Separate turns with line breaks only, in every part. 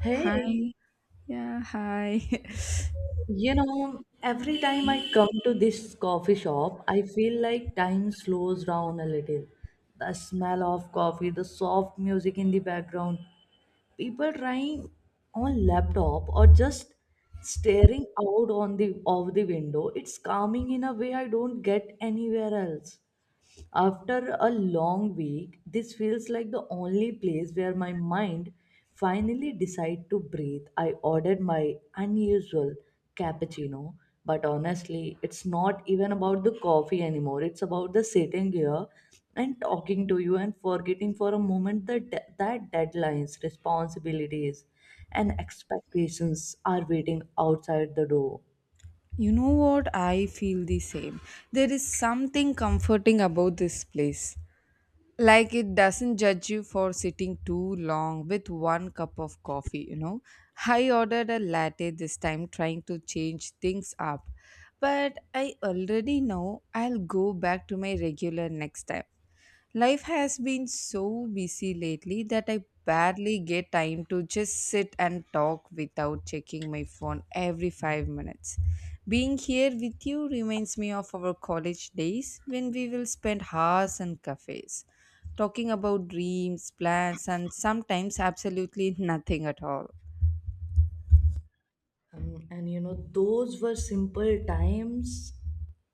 Hey,
Hi. Yeah, hi.
every time I come to this coffee shop, I feel like time slows down a little. The smell of coffee, the soft music in the background, people trying on laptop or just staring out on the of the window. It's calming in a way I don't get anywhere else. After a long week, this feels like the only place where my mind finally decide to breathe. I ordered my unusual cappuccino, but honestly, it's not even about the coffee anymore. It's about the sitting here and talking to you and forgetting for a moment that deadlines, responsibilities, and expectations are waiting outside the door.
You know what? I feel the same. There is something comforting about this place. Like it doesn't judge you for sitting too long with one cup of coffee, you know. I ordered a latte this time, trying to change things up. But I already know I'll go back to my regular next time. Life has been so busy lately that I barely get time to just sit and talk without checking my phone every 5 minutes. Being here with you reminds me of our college days when we will spend hours in cafes talking about dreams, plans, and sometimes absolutely nothing at all.
Those were simple times,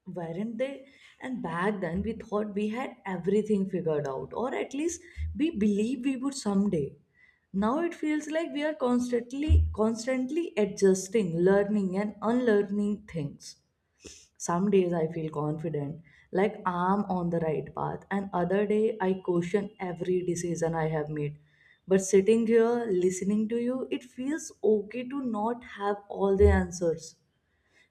weren't they? And back then, we thought we had everything figured out, or at least we believed we would someday. Now it feels like we are constantly adjusting, learning, and unlearning things. Some days I feel confident, like I'm on the right path, and other day I question every decision I have made. But sitting here listening to you, it feels okay to not have all the answers.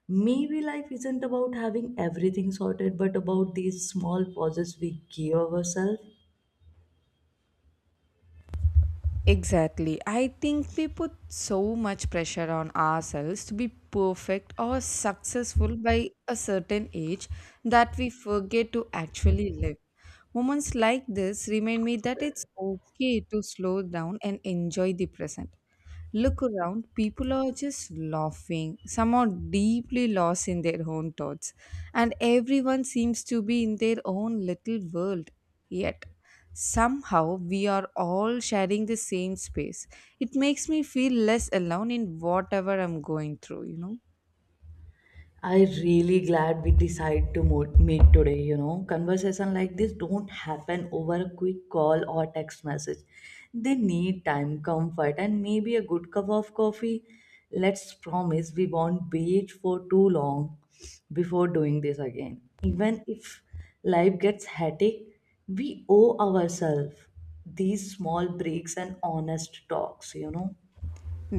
Maybe life isn't about having everything sorted, but about these small pauses we give ourselves.
Exactly. I think we put so much pressure on ourselves to be perfect or successful by a certain age that we forget to actually live. Moments like this remind me that it's okay to slow down and enjoy the present. Look around, people are just laughing, some are deeply lost in their own thoughts, and everyone seems to be in their own little world. Yet, somehow, we are all sharing the same space. It makes me feel less alone in whatever I'm going through, you know.
I really glad we decide to meet today. You know, conversation like this don't happen over a quick call or text message. They need time, comfort, and maybe a good cup of coffee. Let's promise we won't wait for too long before doing this again. Even if life gets hectic, we owe ourselves these small breaks and honest talks.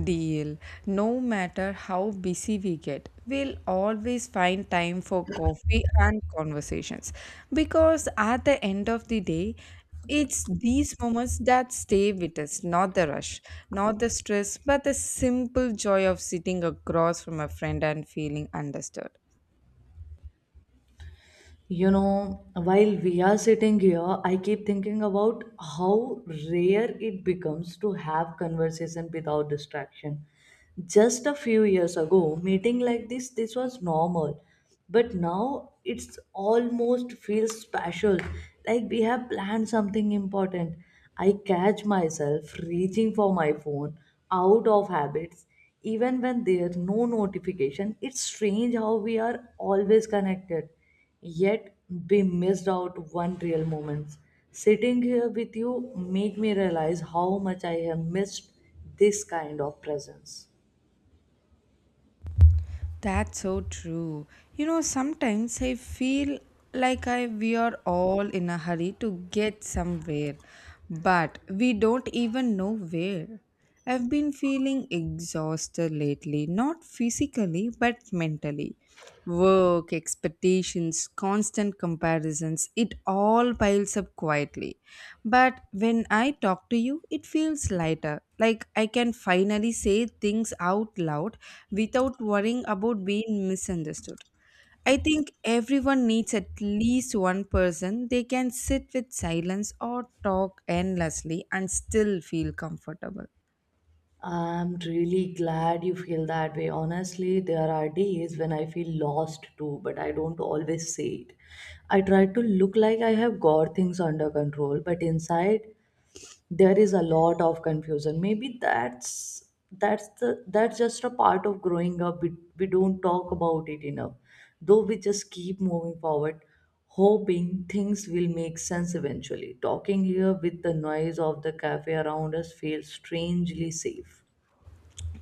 Deal. No matter how busy we get, we'll always find time for coffee and conversations. Because at the end of the day, it's these moments that stay with us, not the rush, not the stress, but the simple joy of sitting across from a friend and feeling understood.
You know, while we are sitting here, I keep thinking about how rare it becomes to have conversation without distraction. Just a few years ago, meeting like this was normal, but now it's almost feels special, like we have planned something important. I catch myself reaching for my phone out of habits even when there's no notification. It's strange how we are always connected yet we missed out one real moments. Sitting here with you make me realize how much I have missed this kind of presence.
That's so true. You know, sometimes I feel like I we are all in a hurry to get somewhere, but we don't even know where. I've been feeling exhausted lately, not physically but mentally. Work, expectations, constant comparisons, it all piles up quietly. But when I talk to you, it feels lighter. Like I can finally say things out loud without worrying about being misunderstood. I think everyone needs at least one person they can sit with silence or talk endlessly and still feel comfortable.
I'm really glad you feel that way. Honestly, there are days when I feel lost too, but I don't always say it. I try to look like I have got things under control, but inside there is a lot of confusion, maybe that's just a part of growing up. We don't talk about it enough, though. We just keep moving forward, hoping things will make sense eventually. Talking here with the noise of the cafe around us feels strangely safe.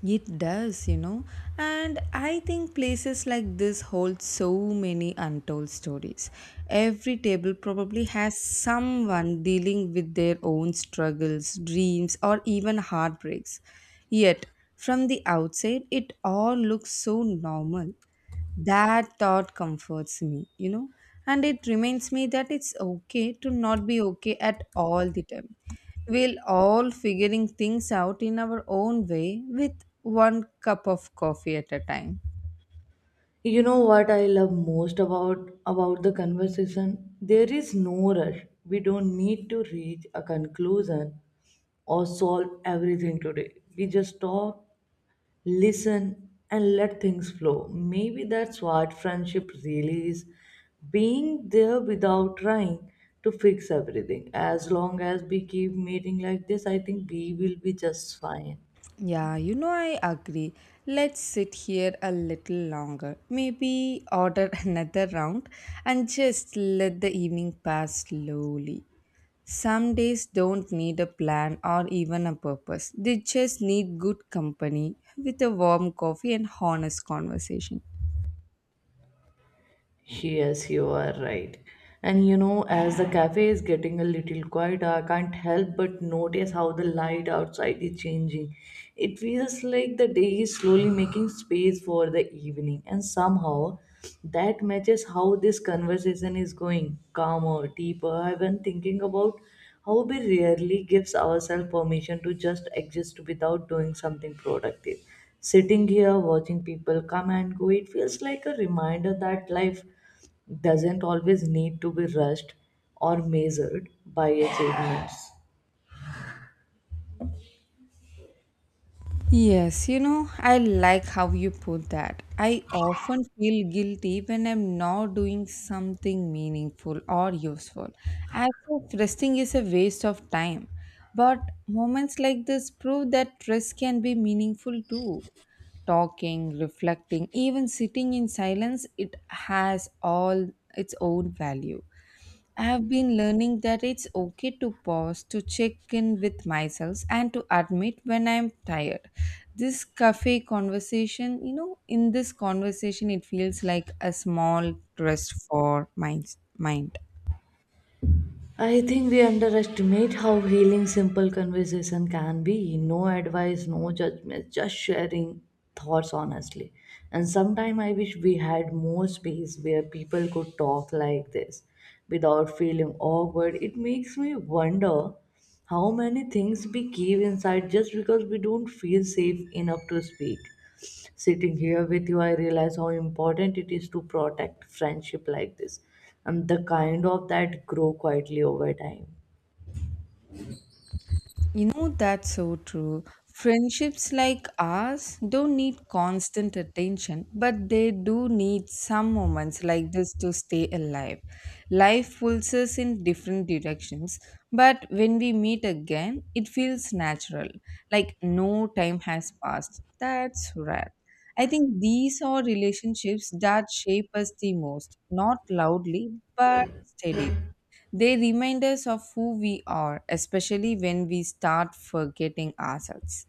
It does, you know. And I think places like this hold so many untold stories. Every table probably has someone dealing with their own struggles, dreams, or even heartbreaks. Yet, from the outside, it all looks so normal. That thought comforts me, you know, and it reminds me that it's okay to not be okay at all the time. We'll all figuring things out in our own way with one cup of coffee at a time.
You know what I love most about the conversation? There is no rush. We don't need to reach a conclusion or solve everything today. We just talk, listen, and let things flow. Maybe that's what friendship really is, being there without trying to fix everything. As long as we keep meeting like this, I think we will be just fine.
Yeah, you know, I agree. Let's sit here a little longer. Maybe order another round and just let the evening pass slowly. Some days don't need a plan or even a purpose, they just need good company with a warm coffee and honest conversation.
Yes, you are right. And you know, as the cafe is getting a little quieter, I can't help but notice how the light outside is changing. It feels like the day is slowly making space for the evening, and somehow that matches how this conversation is going, calmer, deeper. I've been thinking about how we rarely gives ourselves permission to just exist without doing something productive. Sitting here watching people come and go, it feels like a reminder that life doesn't always need to be rushed or measured by achievements.
Yes, you know, I like how you put that. I often feel guilty when I'm not doing something meaningful or useful, as if resting is a waste of time. But moments like this prove that rest can be meaningful too. Talking, reflecting, even sitting in silence, it has all its own value. I have been learning that it's okay to pause, to check in with myself, and to admit when I'm tired. This cafe conversation, you know, in this conversation, it feels like a small rest for my mind.
I think we underestimate how healing simple conversation can be. No advice, no judgment, just sharing thoughts honestly. And sometimes I wish we had more space where people could talk like this without feeling awkward. It makes me wonder how many things we keep inside just because we don't feel safe enough to speak. Sitting here with you, I realize how important it is to protect friendship like this, and the kind of that grow quietly over time.
You know, that's so true. Friendships like ours don't need constant attention, but they do need some moments like this to stay alive. Life pulls us in different directions, but when we meet again, it feels natural, like no time has passed. That's rare. I think these are relationships that shape us the most, not loudly, but steadily. They remind us of who we are, especially when we start forgetting ourselves.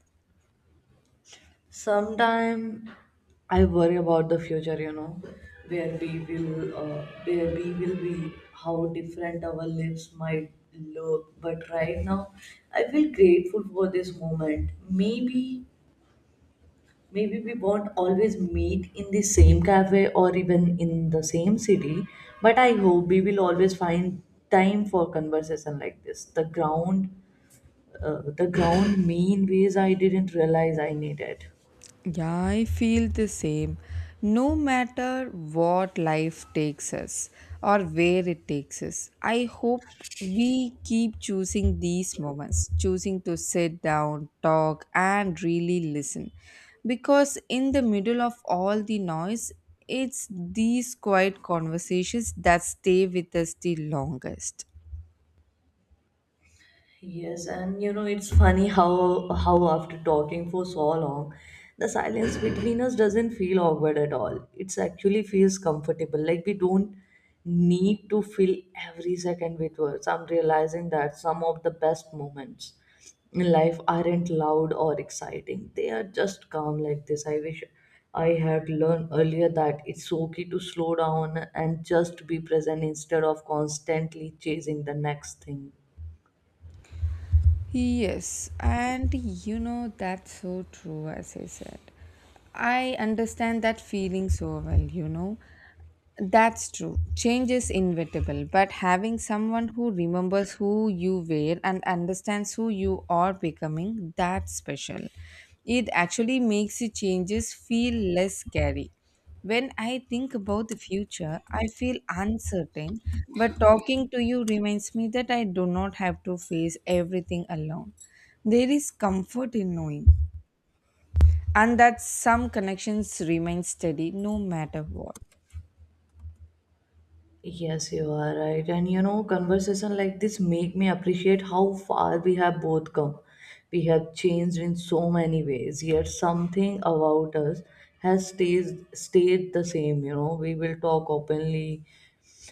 Sometime I worry about the future, you know, where we will be, how different our lives might look. But right now, I feel grateful for this moment. Maybe we won't always meet in the same cafe or even in the same city, but I hope we will always find time for conversation like this, the ground mean ways I didn't realize I needed.
Yeah, I feel the same. No matter what life takes us or where it takes us, I hope we keep choosing these moments, choosing to sit down, talk, and really listen. Because in the middle of all the noise, it's these quiet conversations that stay with us the longest.
Yes, and you know, it's funny how after talking for so long, the silence between us doesn't feel awkward at all. It's actually feels comfortable. Like we don't need to fill every second with words. I'm realizing that some of the best moments in life aren't loud or exciting. They are just calm like this. I wish I had learned earlier that it's okay to slow down and just be present instead of constantly chasing the next thing.
Yes, and you know, that's so true, as I said. I understand that feeling so well, you know. That's true. Change is inevitable, but having someone who remembers who you were and understands who you are becoming, that's special. It actually makes the changes feel less scary. When I think about the future, I feel uncertain, but talking to you reminds me that I do not have to face everything alone. There is comfort in knowing, and that some connections remain steady no matter what.
Yes, you are right. And you know, conversation like this make me appreciate how far we have both come. We have changed in so many ways, yet something about us has stays stayed the same, you know. We will talk openly,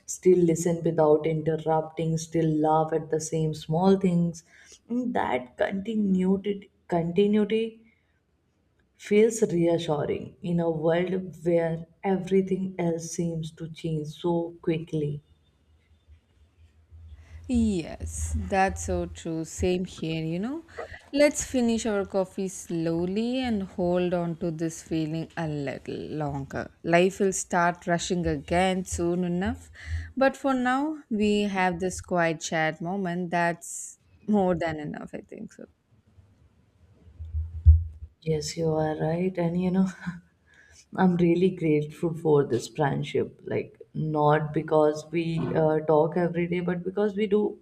still listen without interrupting, still laugh at the same small things. And that continuity feels reassuring in a world where everything else seems to change so quickly.
Yes, that's so true. Same here, you know. Let's finish our coffee slowly and hold on to this feeling a little longer. Life will start rushing again soon enough. But for now, we have this quiet chat moment that's more than enough, I think so.
Yes, you are right. And you know, I'm really grateful for this friendship. Like, not because we talk every day, but because we do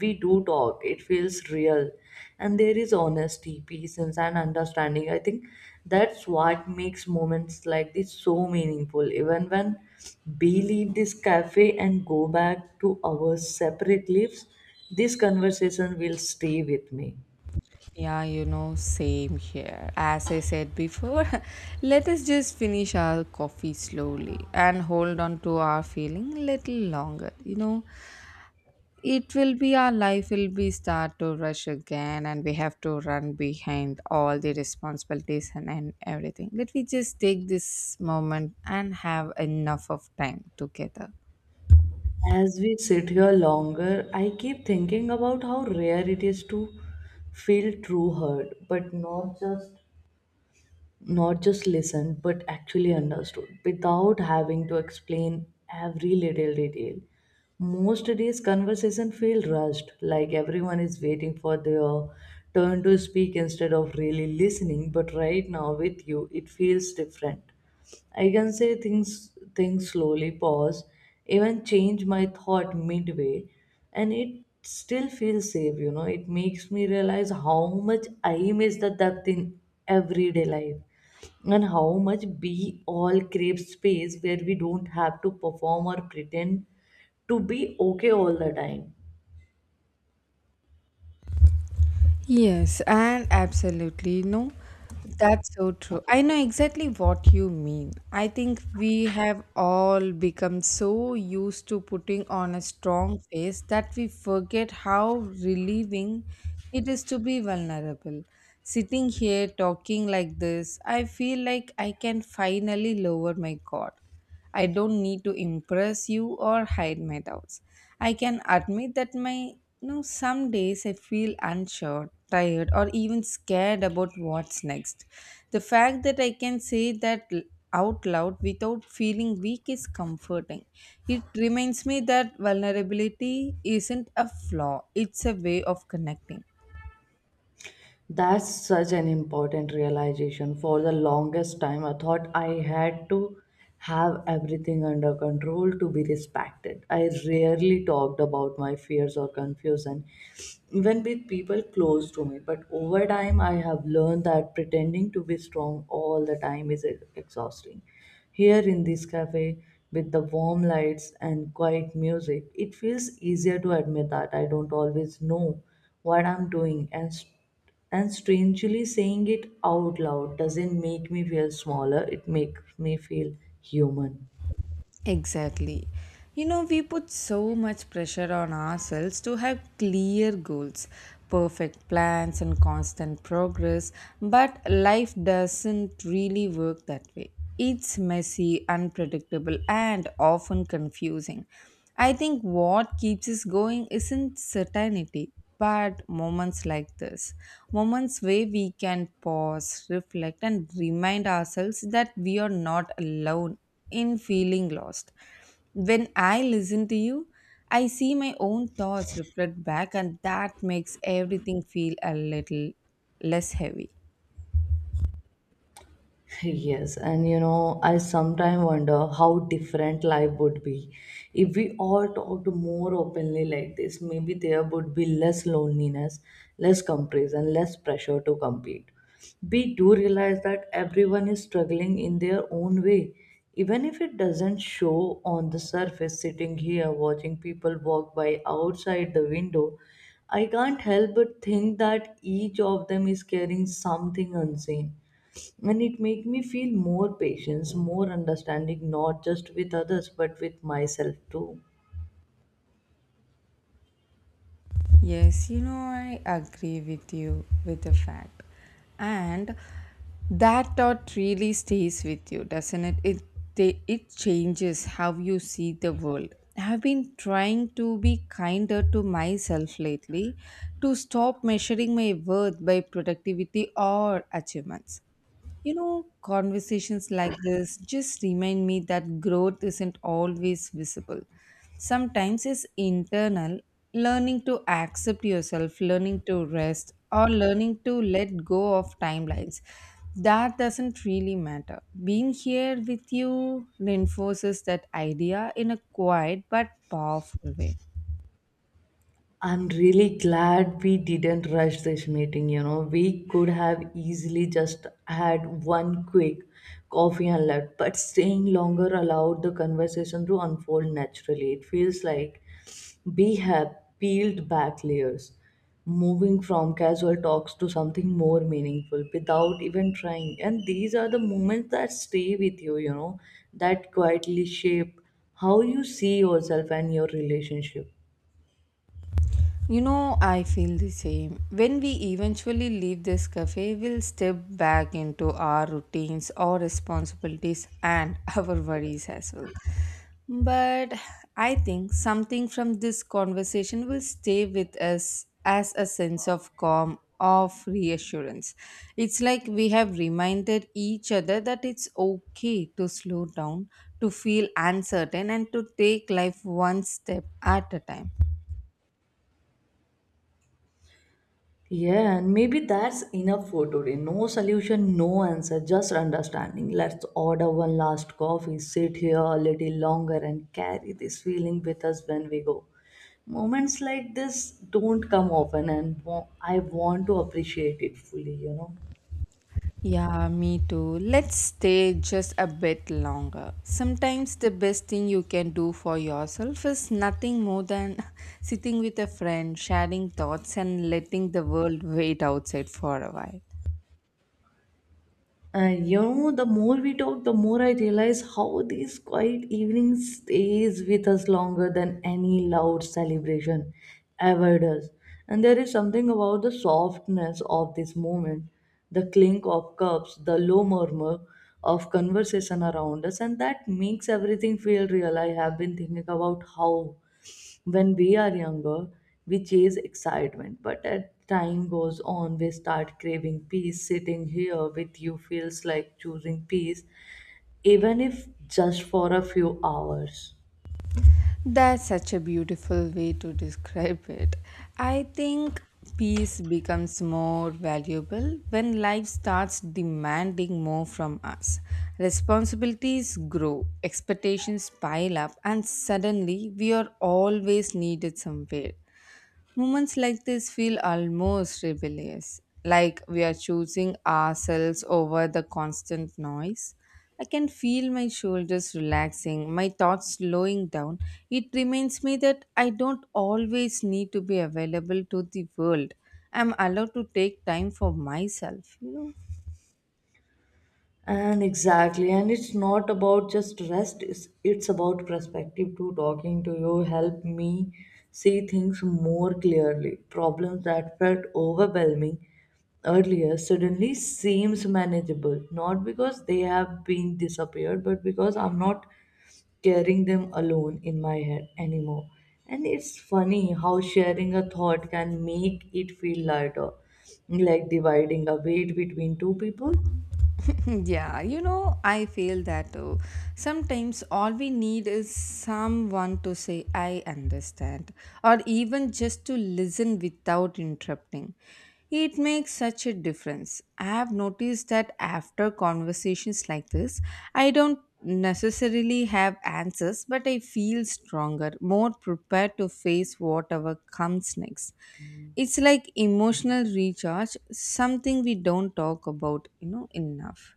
we do talk. It feels real. And there is honesty, peace, and understanding. I think that's what makes moments like this so meaningful. Even when we leave this cafe and go back to our separate lives, this conversation will stay with me.
Yeah, you know, same here. As I said before, let us just finish our coffee slowly and hold on to our feeling a little longer. You know, it will be our life will be start to rush again, and we have to run behind all the responsibilities and everything. Let me just take this moment and have enough of time together.
As we sit here longer, I keep thinking about how rare it is to feel true hurt, but not just listened but actually understood without having to explain every little detail. Most days conversation feel rushed, like everyone is waiting for their turn to speak instead of really listening. But right now with you, it feels different. I can say things slowly, pause, even change my thought midway, and it still feels safe, you know. It makes me realize how much I miss the depth in everyday life and how much we all crave space where we don't have to perform or pretend to be okay all the time.
Yes, and absolutely. No, that's so true. I know exactly what you mean. I think we have all become so used to putting on a strong face that we forget how relieving it is to be vulnerable. Sitting here talking like this, I feel like I can finally lower my guard. I don't need to impress you or hide my doubts. I can admit that my you know some days I feel unsure, tired, or even scared about what's next. The fact that I can say that out loud without feeling weak is comforting. It reminds me that vulnerability isn't a flaw, it's a way of connecting.
That's such an important realization. For the longest time, I thought I had to have everything under control to be respected. I rarely talked about my fears or confusion, even with people close to me. But over time, I have learned that pretending to be strong all the time is exhausting. Here in this cafe, with the warm lights and quiet music, it feels easier to admit that I don't always know what I'm doing, and strangely, saying it out loud doesn't make me feel smaller, it makes me feel human.
Exactly. You know, we put so much pressure on ourselves to have clear goals, perfect plans, and constant progress, but life doesn't really work that way. It's messy, unpredictable, and often confusing. I think what keeps us going isn't certainty, but moments like this. Moments where we can pause, reflect, and remind ourselves that we are not alone in feeling lost. When I listen to you, I see my own thoughts reflect back, and that makes everything feel a little less heavy.
Yes, and you know, I sometimes wonder how different life would be if we all talked more openly like this. Maybe there would be less loneliness, less comparison, less pressure to compete. We do realize that everyone is struggling in their own way, even if it doesn't show on the surface. Sitting here watching people walk by outside the window, I can't help but think that each of them is carrying something unseen, and it make me feel more patience, more understanding, not just with others but with myself too.
Yes, you know, I agree with you with the fact. And that thought really stays with you, doesn't it? It changes how you see the world. I have been trying to be kinder to myself lately, to stop measuring my worth by productivity or achievements. You know, conversations like this just remind me that growth isn't always visible. Sometimes it's internal, learning to accept yourself, learning to rest, or learning to let go of timelines. That doesn't really matter. Being here with you reinforces that idea in a quiet but powerful way.
I'm really glad we didn't rush this meeting. You know, we could have easily just had one quick coffee and left, but staying longer allowed the conversation to unfold naturally. It feels like we have peeled back layers, moving from casual talks to something more meaningful without even trying. And these are the moments that stay with you, you know, that quietly shape how you see yourself and your relationship.
You know, I feel the same. When we eventually leave this cafe, we'll step back into our routines, our responsibilities, and our worries as well. But I think something from this conversation will stay with us as a sense of calm, of reassurance. It's like we have reminded each other that it's okay to slow down, to feel uncertain, and to take life one step at a time.
Yeah, and maybe that's enough for today. No solution, no answer, just understanding. Let's order one last coffee, sit here a little longer, and carry this feeling with us when we go. Moments like this don't come often, and I want to appreciate it fully, you know.
Yeah, me too. Let's stay just a bit longer. Sometimes the best thing you can do for yourself is nothing more than sitting with a friend, sharing thoughts, and letting the world wait outside for a while.
And you know, the more we talk, the more I realize how these quiet evenings stays with us longer than any loud celebration ever does. And there is something about the softness of this moment, the clink of cups, the low murmur of conversation around us, and that makes everything feel real. I have been thinking about how when we are younger, we chase excitement, but as time goes on, we start craving peace. Sitting here with you feels like choosing peace, even if just for a few hours.
That's such a beautiful way to describe it. I think peace becomes more valuable when life starts demanding more from us. Responsibilities grow, expectations pile up, and suddenly we are always needed somewhere. Moments like this feel almost rebellious, like we are choosing ourselves over the constant noise. I can feel my shoulders relaxing, my thoughts slowing down. It reminds me that I don't always need to be available to the world. I'm allowed to take time for myself, you know.
And exactly, and it's not about just rest, it's about perspective too. Talking to you helped me see things more clearly. Problems that felt overwhelming earlier suddenly seems manageable, not because they have been disappeared, but because I'm not carrying them alone in my head anymore. And it's funny how sharing a thought can make it feel lighter, like dividing a weight between two people.
Yeah, you know, I feel that too. Sometimes all we need is someone to say, I understand, or even just to listen without interrupting. It makes such a difference. I have noticed that after conversations like this, I don't necessarily have answers, but I feel stronger, more prepared to face whatever comes next. It's like emotional recharge, something we don't talk about, you know, enough.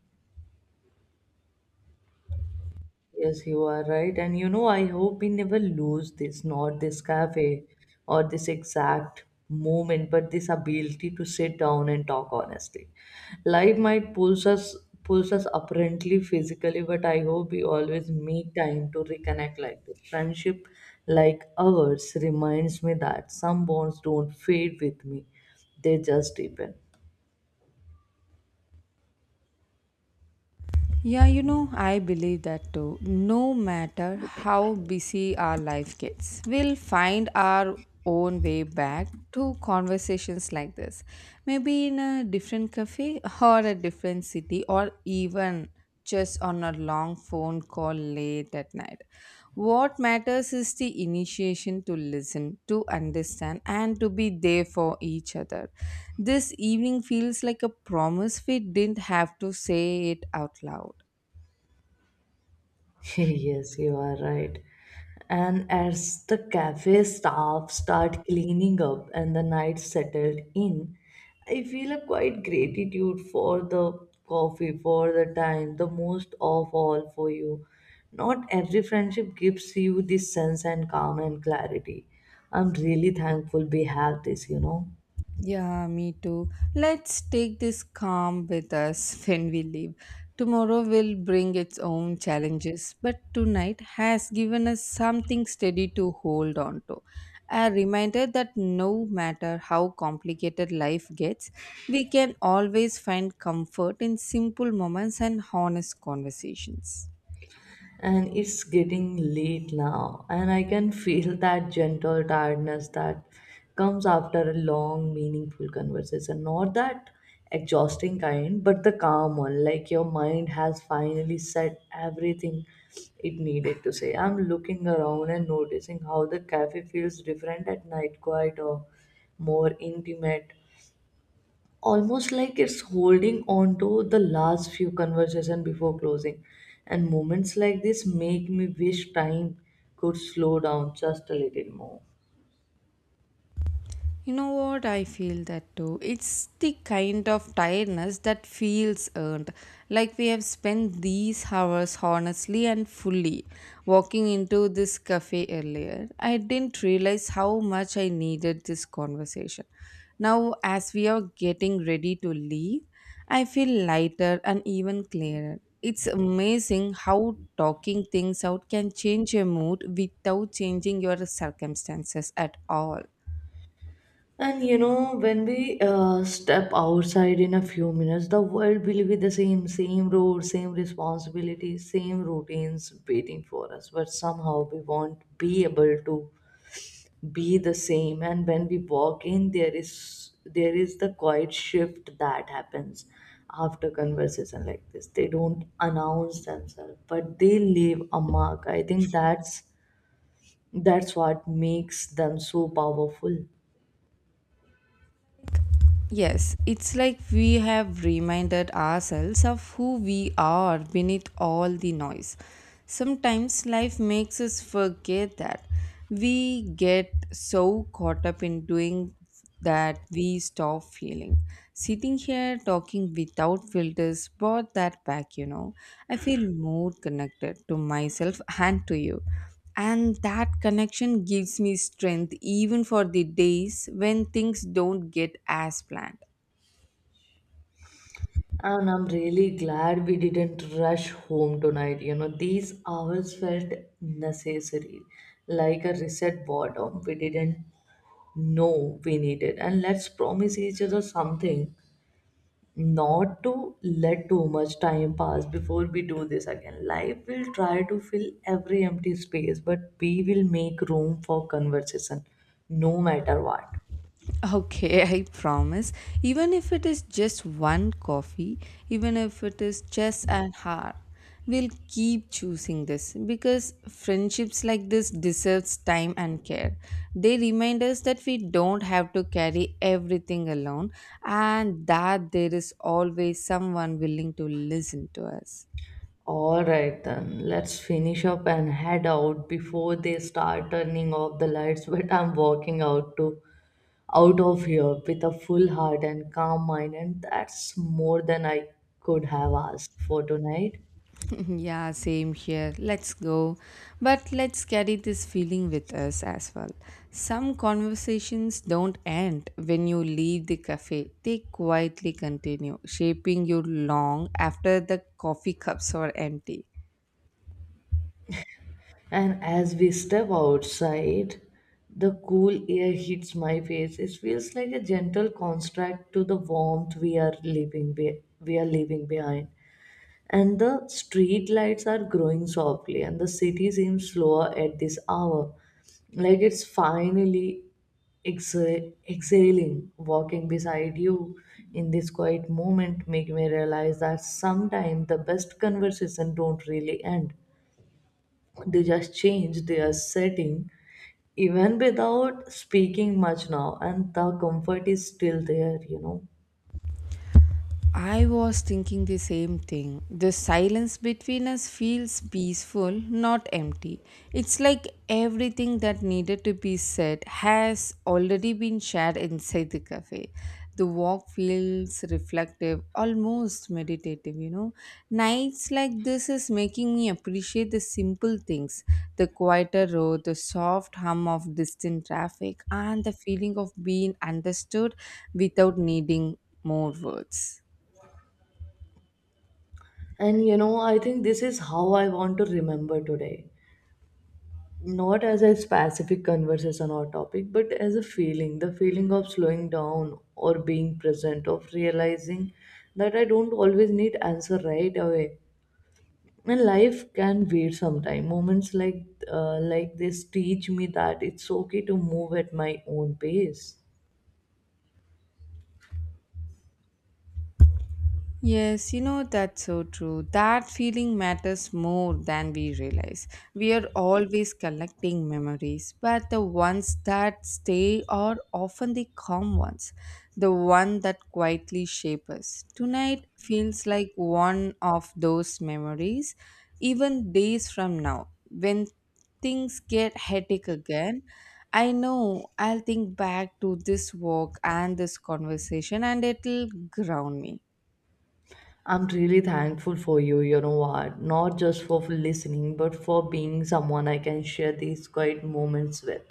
Yes, you are right. And you know, I hope we never lose this, not this cafe or this exact moment, but this ability to sit down and talk honestly. Life might pulls us apparently physically, but I hope we always make time to reconnect like this. Friendship like ours reminds me that some bonds don't fade with me. They just deepen.
Yeah, you know, I believe that too. No matter how busy our life gets, we'll find our own way back to conversations like this. Maybe in a different cafe or a different city, or even just on a long phone call late at night. What matters is the initiation to listen, to understand, and to be there for each other. This evening feels like a promise we didn't have to say it out loud.
Yes, you are right. And as the cafe staff start cleaning up and the night settled in, I feel a quite gratitude for the coffee, for the time, the most of all for you. Not every friendship gives you this sense and calm and clarity. I'm really thankful we have this, you know.
Yeah, me too. Let's take this calm with us when we leave. Tomorrow will bring its own challenges, but tonight has given us something steady to hold on to. A reminder that no matter how complicated life gets, we can always find comfort in simple moments and honest conversations.
And it's getting late now, and I can feel that gentle tiredness that comes after a long meaningful conversation, not that exhausting kind, but the calm one, like your mind has finally said everything it needed to say. I'm looking around and noticing how the cafe feels different at night, quiet or more intimate, almost like it's holding on to the last few conversation before closing. And moments like this make me wish time could slow down just a little more.
You know what? I feel that too. It's the kind of tiredness that feels earned. Like we have spent these hours honestly and fully. Walking into this cafe earlier, I didn't realize how much I needed this conversation. Now, as we are getting ready to leave, I feel lighter and even clearer. It's amazing how talking things out can change your mood without changing your circumstances at all.
And you know, when we step outside in a few minutes, the world will be the same, same road, same responsibilities, same routines waiting for us, but somehow we won't be able to be the same. And when we walk in, there is the quiet shift that happens after conversation like this. They don't announce themselves, but they leave a mark. I think that's what makes them so powerful.
Yes, it's like we have reminded ourselves of who we are beneath all the noise. Sometimes life makes us forget that. We get so caught up in doing that we stop feeling. Sitting here talking without filters brought that back, you know. I feel more connected to myself and to you. And that connection gives me strength even for the days when things don't get as planned.
And I'm really glad we didn't rush home tonight, you know, these hours felt necessary, like a reset bottom. We didn't know we needed. And let's promise each other something, not to let too much time pass before we do this again. Life will try to fill every empty space, but we will make room for conversation no matter what.
Okay, I promise. Even if it is just one coffee, even if it is just an hour, we'll keep choosing this because friendships like this deserves time and care. They remind us that we don't have to carry everything alone and that there is always someone willing to listen to us.
All right, then let's finish up and head out before they start turning off the lights. But I'm walking out of here with a full heart and calm mind, and that's more than I could have asked for tonight.
Yeah, same here. Let's go. But let's carry this feeling with us as well. Some conversations don't end when you leave the cafe, they quietly continue, shaping you long after the coffee cups are empty.
And as we step outside, the cool air hits my face. It feels like a gentle contrast to the warmth we are we are leaving behind. And the street lights are growing softly, and the city seems slower at this hour, like it's finally exhaling. Walking beside you in this quiet moment make me realize that sometimes the best conversation don't really end, they just change their setting, even without speaking much now, and the comfort is still there, you know.
I was thinking the same thing. The silence between us feels peaceful, not empty. It's like everything that needed to be said has already been shared inside the cafe. The walk feels reflective, almost meditative, you know. Nights like this is making me appreciate the simple things, the quieter road, the soft hum of distant traffic, and the feeling of being understood without needing more words.
And you know, I think this is how I want to remember today, not as a specific conversation or topic, but as a feeling, the feeling of slowing down or being present, of realizing that I don't always need answer right away, and life can wait sometime. Moments like this teach me that it's okay to move at my own pace.
Yes, you know, that's so true. That feeling matters more than we realize. We are always collecting memories, but the ones that stay are often the calm ones, the one that quietly shape us. Tonight feels like one of those memories, even days from now, when things get hectic again. I know I'll think back to this walk and this conversation, and it'll ground me.
I'm really thankful for you, you know what? Not just for listening, but for being someone I can share these quiet moments with.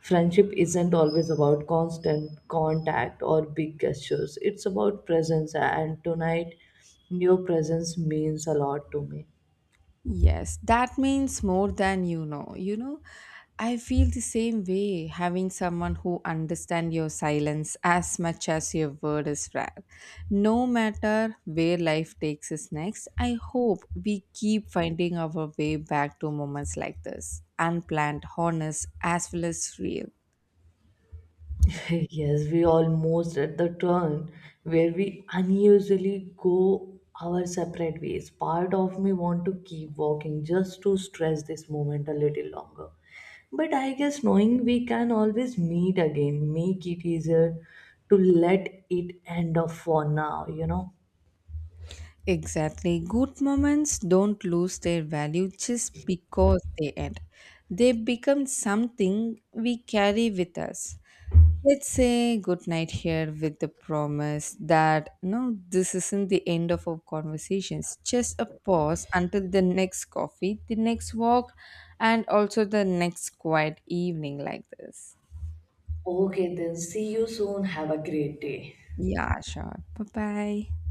Friendship isn't always about constant contact or big gestures, it's about presence, and tonight, your presence means a lot to me.
Yes, that means more than you know. You know, I feel the same way having someone who understands your silence as much as your word is rare. No matter where life takes us next, I hope we keep finding our way back to moments like this, unplanned, honest, as well as real.
Yes, we almost at the turn where we unusually go our separate ways. Part of me want to keep walking just to stress this moment a little longer. But I guess knowing we can always meet again make it easier to let it end off for now, you know.
Exactly. Good moments don't lose their value just because they end. They become something we carry with us. Let's say good night here with the promise that no, this isn't the end of our conversations. Just a pause until the next coffee, the next walk, and also the next quiet evening like this.
Okay, then see you soon. Have a great day.
Yeah, sure. Bye bye.